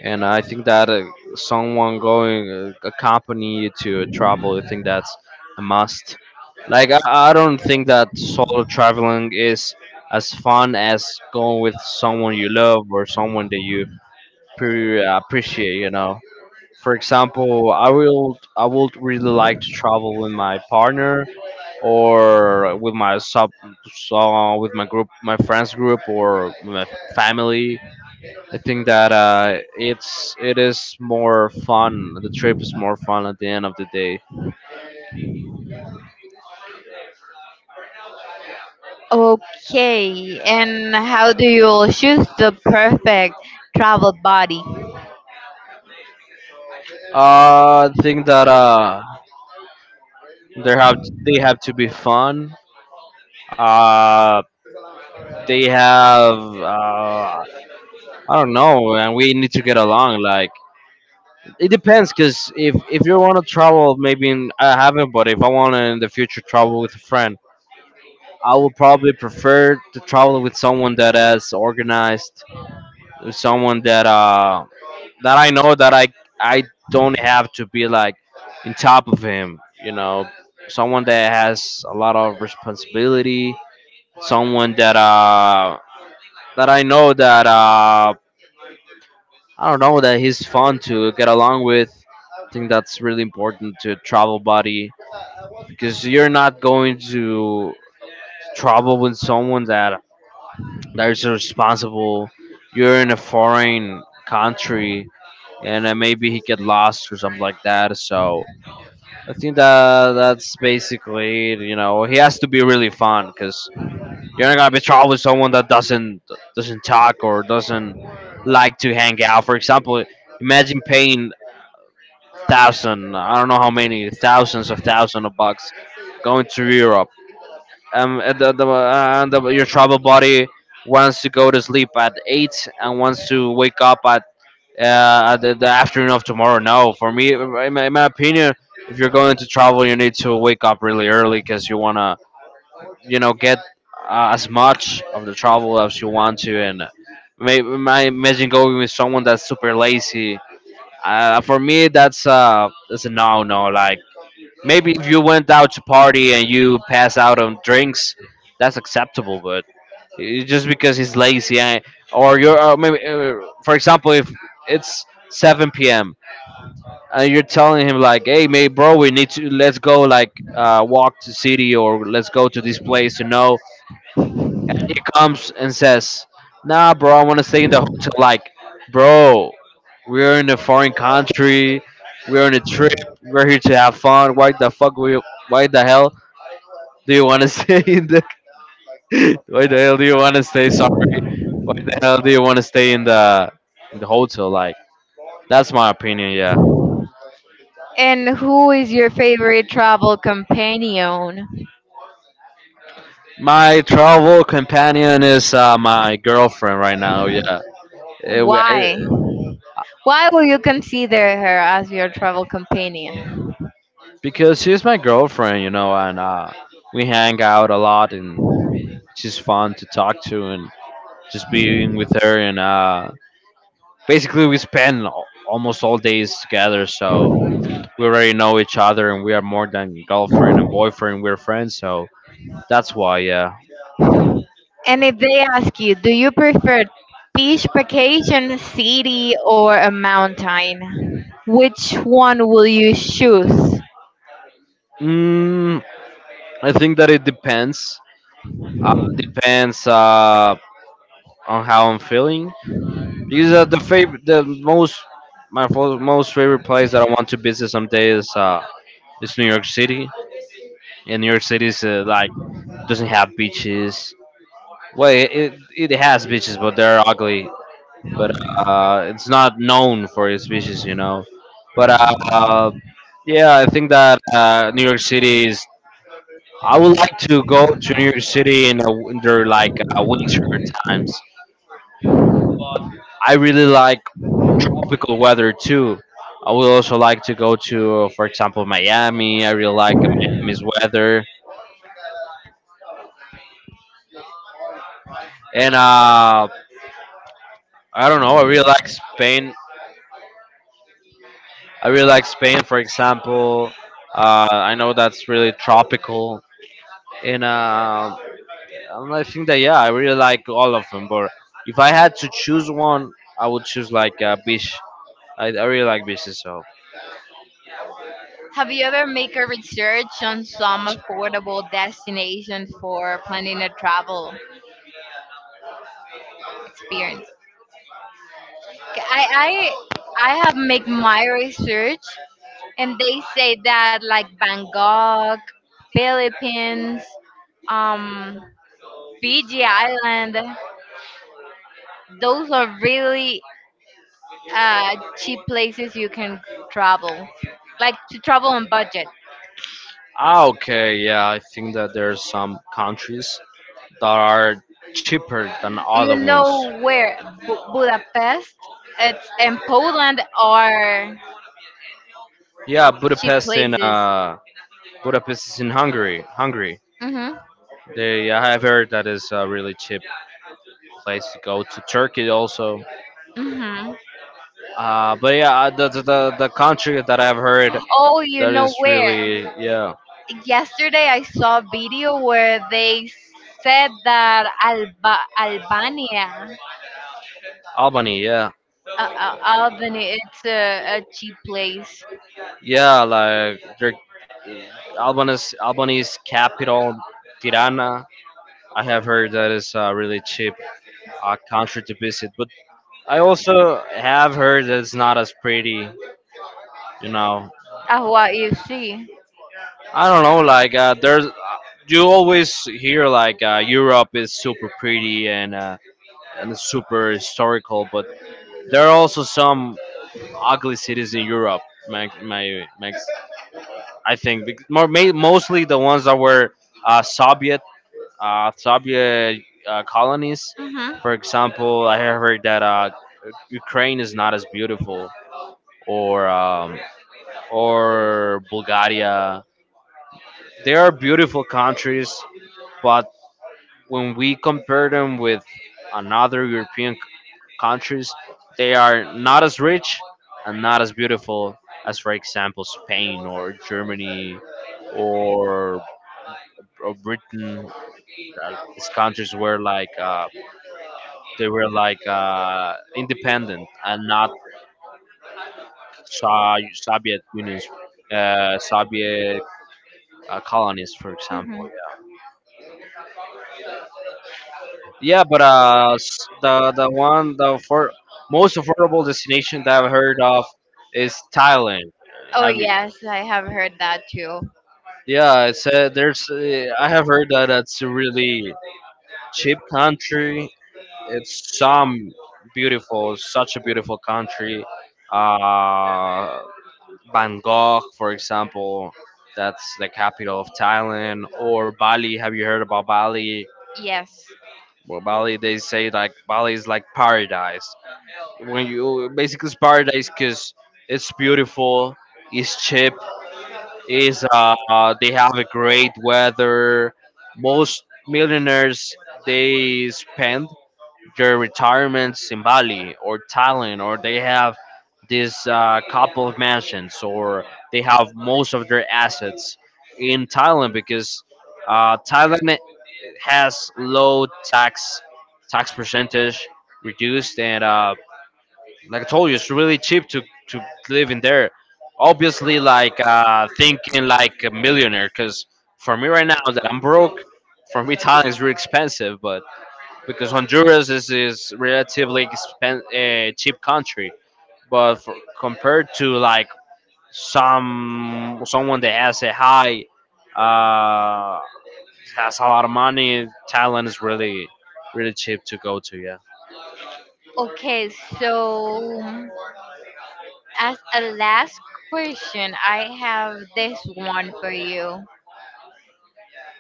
[SPEAKER 2] And I think that someone going accompany you to a travel, I think that's a must. Like I, I don't think that solo traveling is as fun as going with someone you love or someone that you appreciate, you know. For example, I would really like to travel with my partner or with my sub so with my group my friends group or with my family I think that it is more fun. The trip is more fun at the end of the day.
[SPEAKER 1] Okay, and how do you choose the perfect travel buddy?
[SPEAKER 2] I think that they have they have to be fun. Uh, they have I don't know, and we need to get along. Like it depends, cause if you want to travel, maybe in, I haven't, but if I want to in the future travel with a friend, I would probably prefer to travel with someone that has organized, someone that that I know that I don't have to be like in top of him. You know, someone that has a lot of responsibility, someone that that I know that I don't know that he's fun to get along with. I think that's really important to travel buddy because you're not going to travel with someone that that is responsible. You're in a foreign country and maybe he get lost or something like that. So I think that that's basically it. You know, he has to be really fun because you're not gonna be trouble with someone that doesn't talk or doesn't like to hang out. For example, imagine paying thousand, I don't know how many thousands of bucks going to Europe. And the, and the, your travel buddy wants to go to sleep at eight and wants to wake up at the afternoon of tomorrow. No, for me, in my opinion, if you're going to travel, you need to wake up really early because you wanna, you know, get as much of the travel as you want to. And may, my imagine going with someone that's super lazy. For me, that's a no no. Like maybe if you went out to party and you pass out on drinks, that's acceptable. But I- just because he's lazy, or you're or maybe, for example, if it's 7 p.m and you're telling him like hey mate bro we need to let's go like walk to city or let's go to this place. You know, he comes and says nah bro I want to stay in the hotel like bro we're in a foreign country we're on a trip we're here to have fun why the hell do you want to stay in the why the hell do you want to stay sorry why the hell do you want to stay in the hotel like that's my opinion. Yeah.
[SPEAKER 1] And who is your favorite travel companion?
[SPEAKER 2] My travel companion is my girlfriend right now. Yeah, Eh, we, I,
[SPEAKER 1] Why? Why will you consider her as your travel companion?
[SPEAKER 2] because she's my girlfriend, you know, and we hang out a lot, and she's fun to talk to, and just being with her, and basically we spend almost all days together. So we already know each other, and we are more than girlfriend and boyfriend. We're friends, so that's why. Yeah,
[SPEAKER 1] And if they ask you, do you prefer beach vacation, city, or a mountain? Which one will you choose?
[SPEAKER 2] mm, I think that it depends. Depends on how I'm feeling. Because the favorite, the most, my most favorite place that I want to visit someday is New York City. And New York City is like doesn't have beaches. Well, it has beaches, but they're ugly. But it's not known for its beaches, you know. But yeah, I think that New York City is. I would like to go to New York City in their like winter times. I really like tropical weather too. I would also like to go to, for example, Miami. I really like Miami's weather, and I don't know. I really like Spain. I really like Spain, for example. I know that's really tropical, and uh, and I think that yeah, I really like all of them. But if I had to choose one, I would choose like beach. I really like beaches, so.
[SPEAKER 1] Have you ever make a research on some affordable destination for planning a travel experience? Okay, I have make my research, and they say that like Bangkok, Philippines, um, Fiji Island, those are really cheap places you can travel, like to travel on budget.
[SPEAKER 2] Ah, okay, yeah, I think that there are some countries that are cheaper than other
[SPEAKER 1] You know
[SPEAKER 2] ones.
[SPEAKER 1] where? Budapest, it's in Poland, are
[SPEAKER 2] Yeah,
[SPEAKER 1] cheap
[SPEAKER 2] Budapest in
[SPEAKER 1] places.
[SPEAKER 2] Budapest is in Hungary. Hungary.
[SPEAKER 1] Mhm.
[SPEAKER 2] They, I have heard that is a really cheap place to go to Turkey also.
[SPEAKER 1] Mhm.
[SPEAKER 2] But yeah, the country that I've heard
[SPEAKER 1] Oh, you
[SPEAKER 2] that
[SPEAKER 1] know
[SPEAKER 2] is
[SPEAKER 1] where?
[SPEAKER 2] really, yeah,
[SPEAKER 1] Yesterday I saw a video where they said that Albania,
[SPEAKER 2] Albany. Yeah,
[SPEAKER 1] Albany, it's a cheap place.
[SPEAKER 2] yeah, like they're Albany's capital Tirana. I have heard that is a really cheap country to visit, but I also have heard that it's not as pretty. You know,
[SPEAKER 1] What you see?
[SPEAKER 2] I don't know. Like there's, you always hear like Europe is super pretty and it's super historical, but there are also some ugly cities in Europe. My I think more mostly the ones that were Soviet, uh, Soviet colonies.
[SPEAKER 1] Hmm.
[SPEAKER 2] For example, I have heard that Ukraine is not as beautiful, or um, or Bulgaria. They are beautiful countries, but when we compare them with another European countries, they are not as rich and not as beautiful as, for example, Spain or Germany or, or Britain. Like, these countries were like they were like independent and not so Soviet unions, Soviet colonies, for example.
[SPEAKER 1] Mhm.
[SPEAKER 2] Yeah. Yeah, but the one the for most affordable destination that I've heard of is Thailand.
[SPEAKER 1] Oh
[SPEAKER 2] Have you?
[SPEAKER 1] yes, I have heard that too.
[SPEAKER 2] Yeah, I said there's. I have heard that it's a really cheap country. It's some beautiful, such a beautiful country. Uh, Bangkok, for example, that's the capital of Thailand, or Bali. Have you heard about Bali?
[SPEAKER 1] Yes.
[SPEAKER 2] Well, Bali, they say like Bali is like paradise. When you basically it's paradise because it's beautiful, it's cheap, is they have a great weather. Most millionaires, they spend their retirements in Bali or Thailand, or they have this couple of mansions, or they have most of their assets in Thailand because Thailand has low tax, tax percentage reduced, and like I told you, it's really cheap to live in there. Obviously, like thinking like a millionaire, because for me right now that I'm broke, for me Thailand is really expensive, but because Honduras is relatively cheap country, but for, compared to like some someone that has a high uh has a lot of money, Thailand is really really cheap to go to. Yeah.
[SPEAKER 1] Okay, so as a last question, I have this one for you.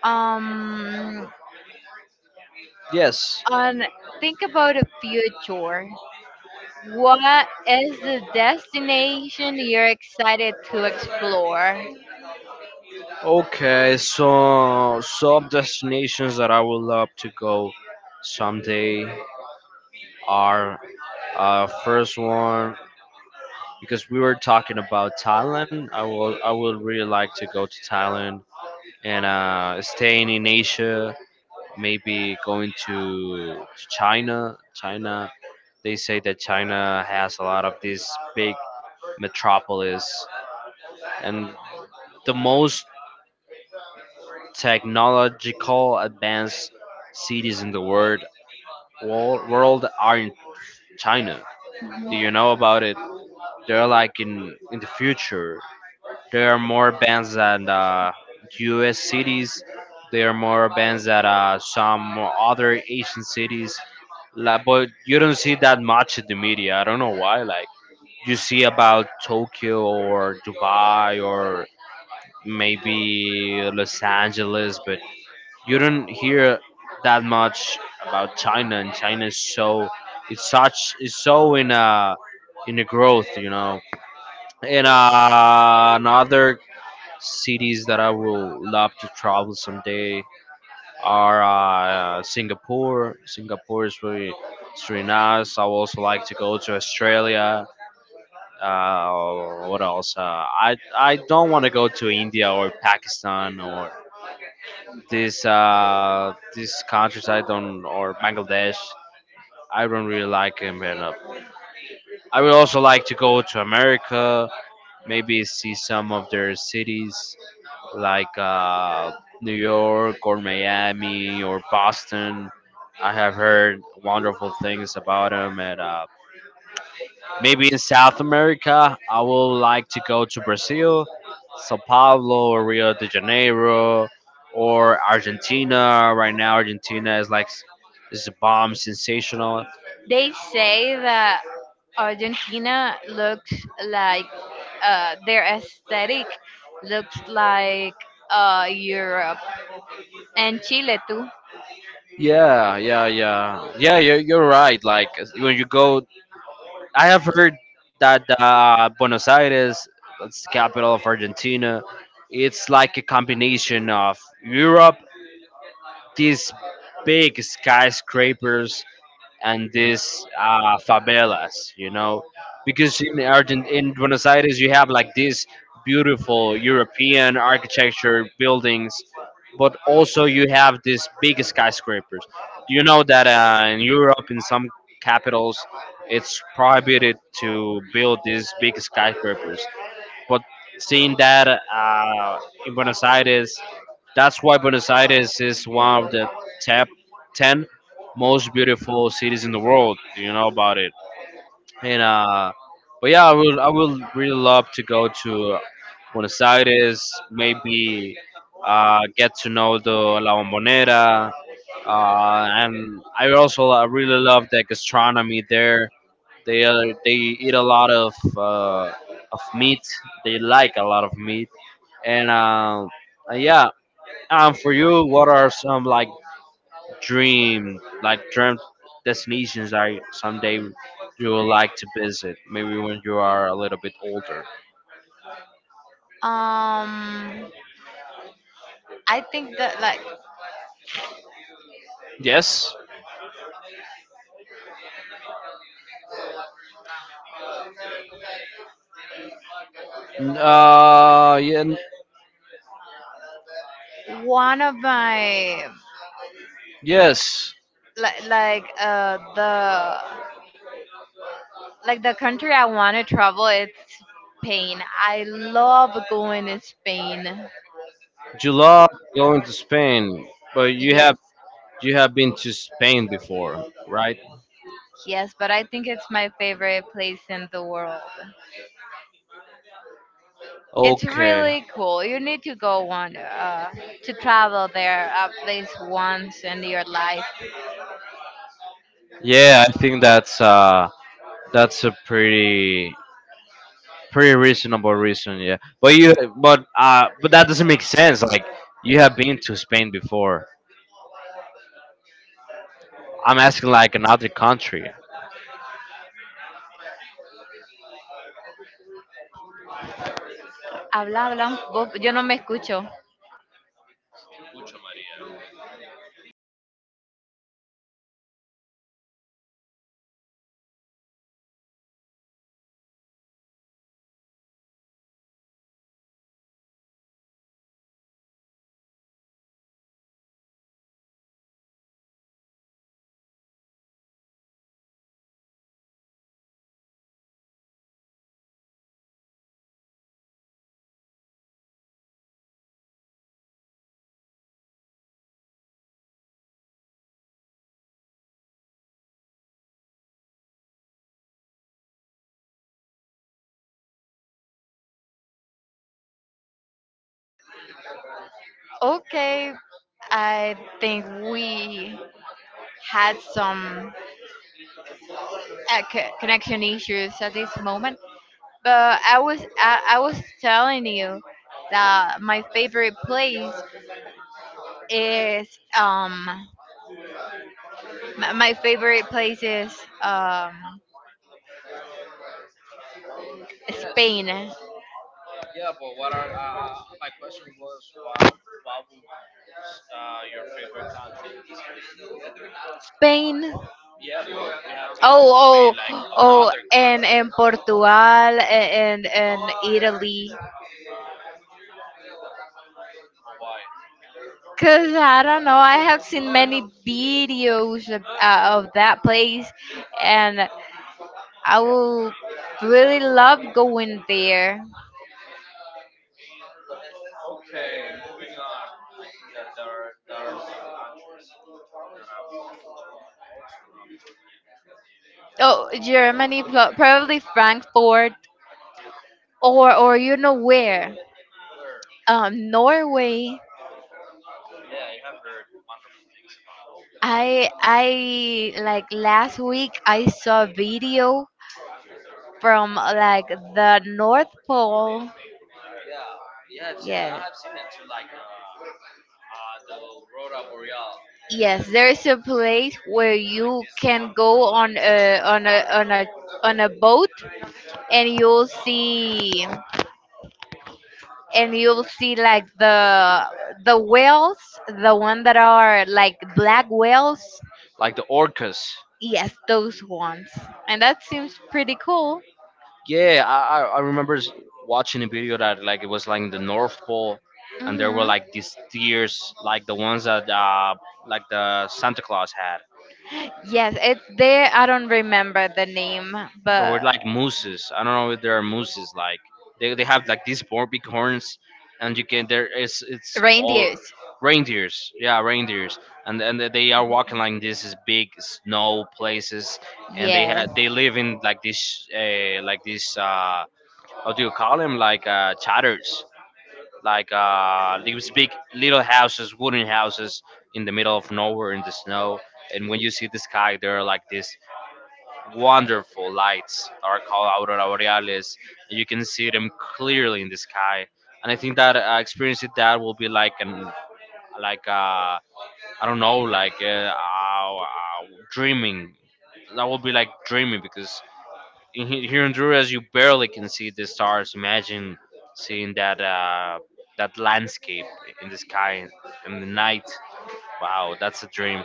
[SPEAKER 1] Um,
[SPEAKER 2] Yes.
[SPEAKER 1] on, think about a future. What is the destination you're excited to explore?
[SPEAKER 2] Okay, so some destinations that I would love to go someday are first one, because we were talking about Thailand. I would really like to go to Thailand and staying in Asia. Maybe going to China. China. They say that China has a lot of these big metropolis and the most technological advanced cities in the world, world, are in China. Do you know about it? They're like in the future. There are more bands than U.S. cities. There are more bands than some other Asian cities. Like, but you don't see that much in the media. I don't know why. Like you see about Tokyo or Dubai or maybe Los Angeles, but you don't hear that much about China, and China is so it's such it's so in a growth, you know. And another cities that I will love to travel someday are Singapore. Singapore is really it's really nice. I would also like to go to Australia. What else? I don't want to go to India or Pakistan or these these countries, I don't, or Bangladesh, I don't really like them enough. I would also like to go to America, maybe see some of their cities like New York or Miami or Boston. I have heard wonderful things about them, and maybe in South America, I would like to go to Brazil, Sao Paulo, or Rio de Janeiro, or Argentina. Right now, Argentina is like is a bomb, sensational.
[SPEAKER 1] They say that Argentina looks like their aesthetic looks like Europe, and Chile too.
[SPEAKER 2] Yeah, yeah, yeah, yeah. You're right. Like when you go, I have heard that Buenos Aires, that's the capital of Argentina, it's like a combination of Europe, these big skyscrapers and these favelas, you know, because in Buenos Aires you have like these beautiful European architecture buildings, but also you have these big skyscrapers. Do you know that in Europe, in some capitals, it's prohibited to build these big skyscrapers, but seeing that in Buenos Aires, that's why Buenos Aires is one of the top 10 most beautiful cities in the world. You know about it. And but yeah, I will really love to go to Buenos Aires. Maybe get to know the La Bombonera. And I also really love the gastronomy there. They are they eat a lot of meat. They like a lot of meat. And yeah, for you, what are some like dream destinations that someday you would like to visit? Maybe when you are a little bit older. Yes. N- Uh, yeah, n- yes. You love going to Spain, but you have been to Spain before, right? Okay. Yeah, I think that's that's a pretty pretty reasonable reason, yeah. But you but that doesn't make sense. Like you have been to Spain before. I'm asking like another country,
[SPEAKER 3] Okay, I think we had some connection issues at this moment, but I was telling you that my favorite place is um my, my favorite place is um Spain. Spain. Oh, oh, oh, and Portugal and Italy. Cause I don't know, I have seen many videos of that place, and I will really love going there. Oh, Germany, probably Frankfurt, or you know where? Norway. I like last week I saw a video from like the North Pole. Yeah. Yes, there is a place where you can go on a boat and you'll see, and you'll see like the whales, the one that are like black whales.
[SPEAKER 2] like the orcas.
[SPEAKER 3] Yes, those ones. And that seems pretty cool.
[SPEAKER 2] Yeah, I remember watching a video that like it was like in the North Pole, and there were
[SPEAKER 3] Hmm.
[SPEAKER 2] like these deers, like the ones that like the Santa Claus had.
[SPEAKER 3] Yes, it's there. I don't remember the name,
[SPEAKER 2] There were
[SPEAKER 3] but
[SPEAKER 2] like mooses. I don't know if there are mooses. Like they have like these four big horns, and you can there is it's all
[SPEAKER 3] reindeers.
[SPEAKER 2] reindeers. Yeah, reindeers, and they are walking like this is big snow places, and they
[SPEAKER 3] Yes.
[SPEAKER 2] had they live in like this how do you call them like chatters, like these big little houses, wooden houses in the middle of nowhere in the snow, and when you see the sky there are like this wonderful lights that are called aurora borealis, and you can see them clearly in the sky. And I think that experiencing that will be like an like I don't know, like dreaming, that will be like dreaming, because here in Honduras you barely can see the stars. Imagine seeing that that landscape in the sky, in the night. Wow, that's a dream.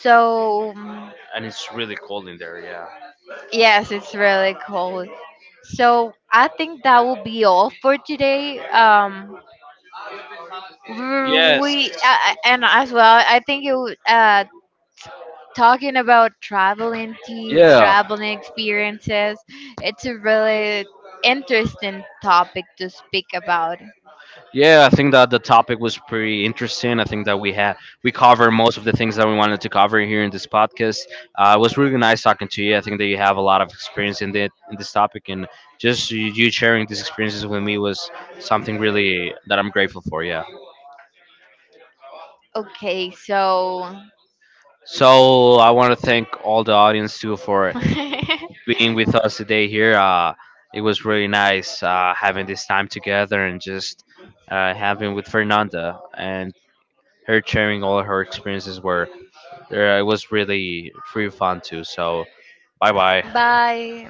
[SPEAKER 3] So, mm,
[SPEAKER 2] And it's really cold in there. Yeah.
[SPEAKER 3] Yes, it's really cold. So I think that will be all for today.
[SPEAKER 2] Yes.
[SPEAKER 3] We and as well, I think talking about traveling tips,
[SPEAKER 2] Yeah.
[SPEAKER 3] traveling experiences. It's a really interesting topic to speak about.
[SPEAKER 2] Yeah, I think that the topic was pretty interesting. I think that we had we covered most of the things that we wanted to cover here in this podcast. It was really nice talking to you. I think that you have a lot of experience in the in this topic, and just you sharing these experiences with me was something really that I'm grateful for. Yeah.
[SPEAKER 3] Okay, so.
[SPEAKER 2] So I want to thank all the audience too for being with us today here. It was really nice having this time together, and just having with Fernanda and her sharing all her experiences were there it was really free fun too. So bye bye.
[SPEAKER 3] Bye.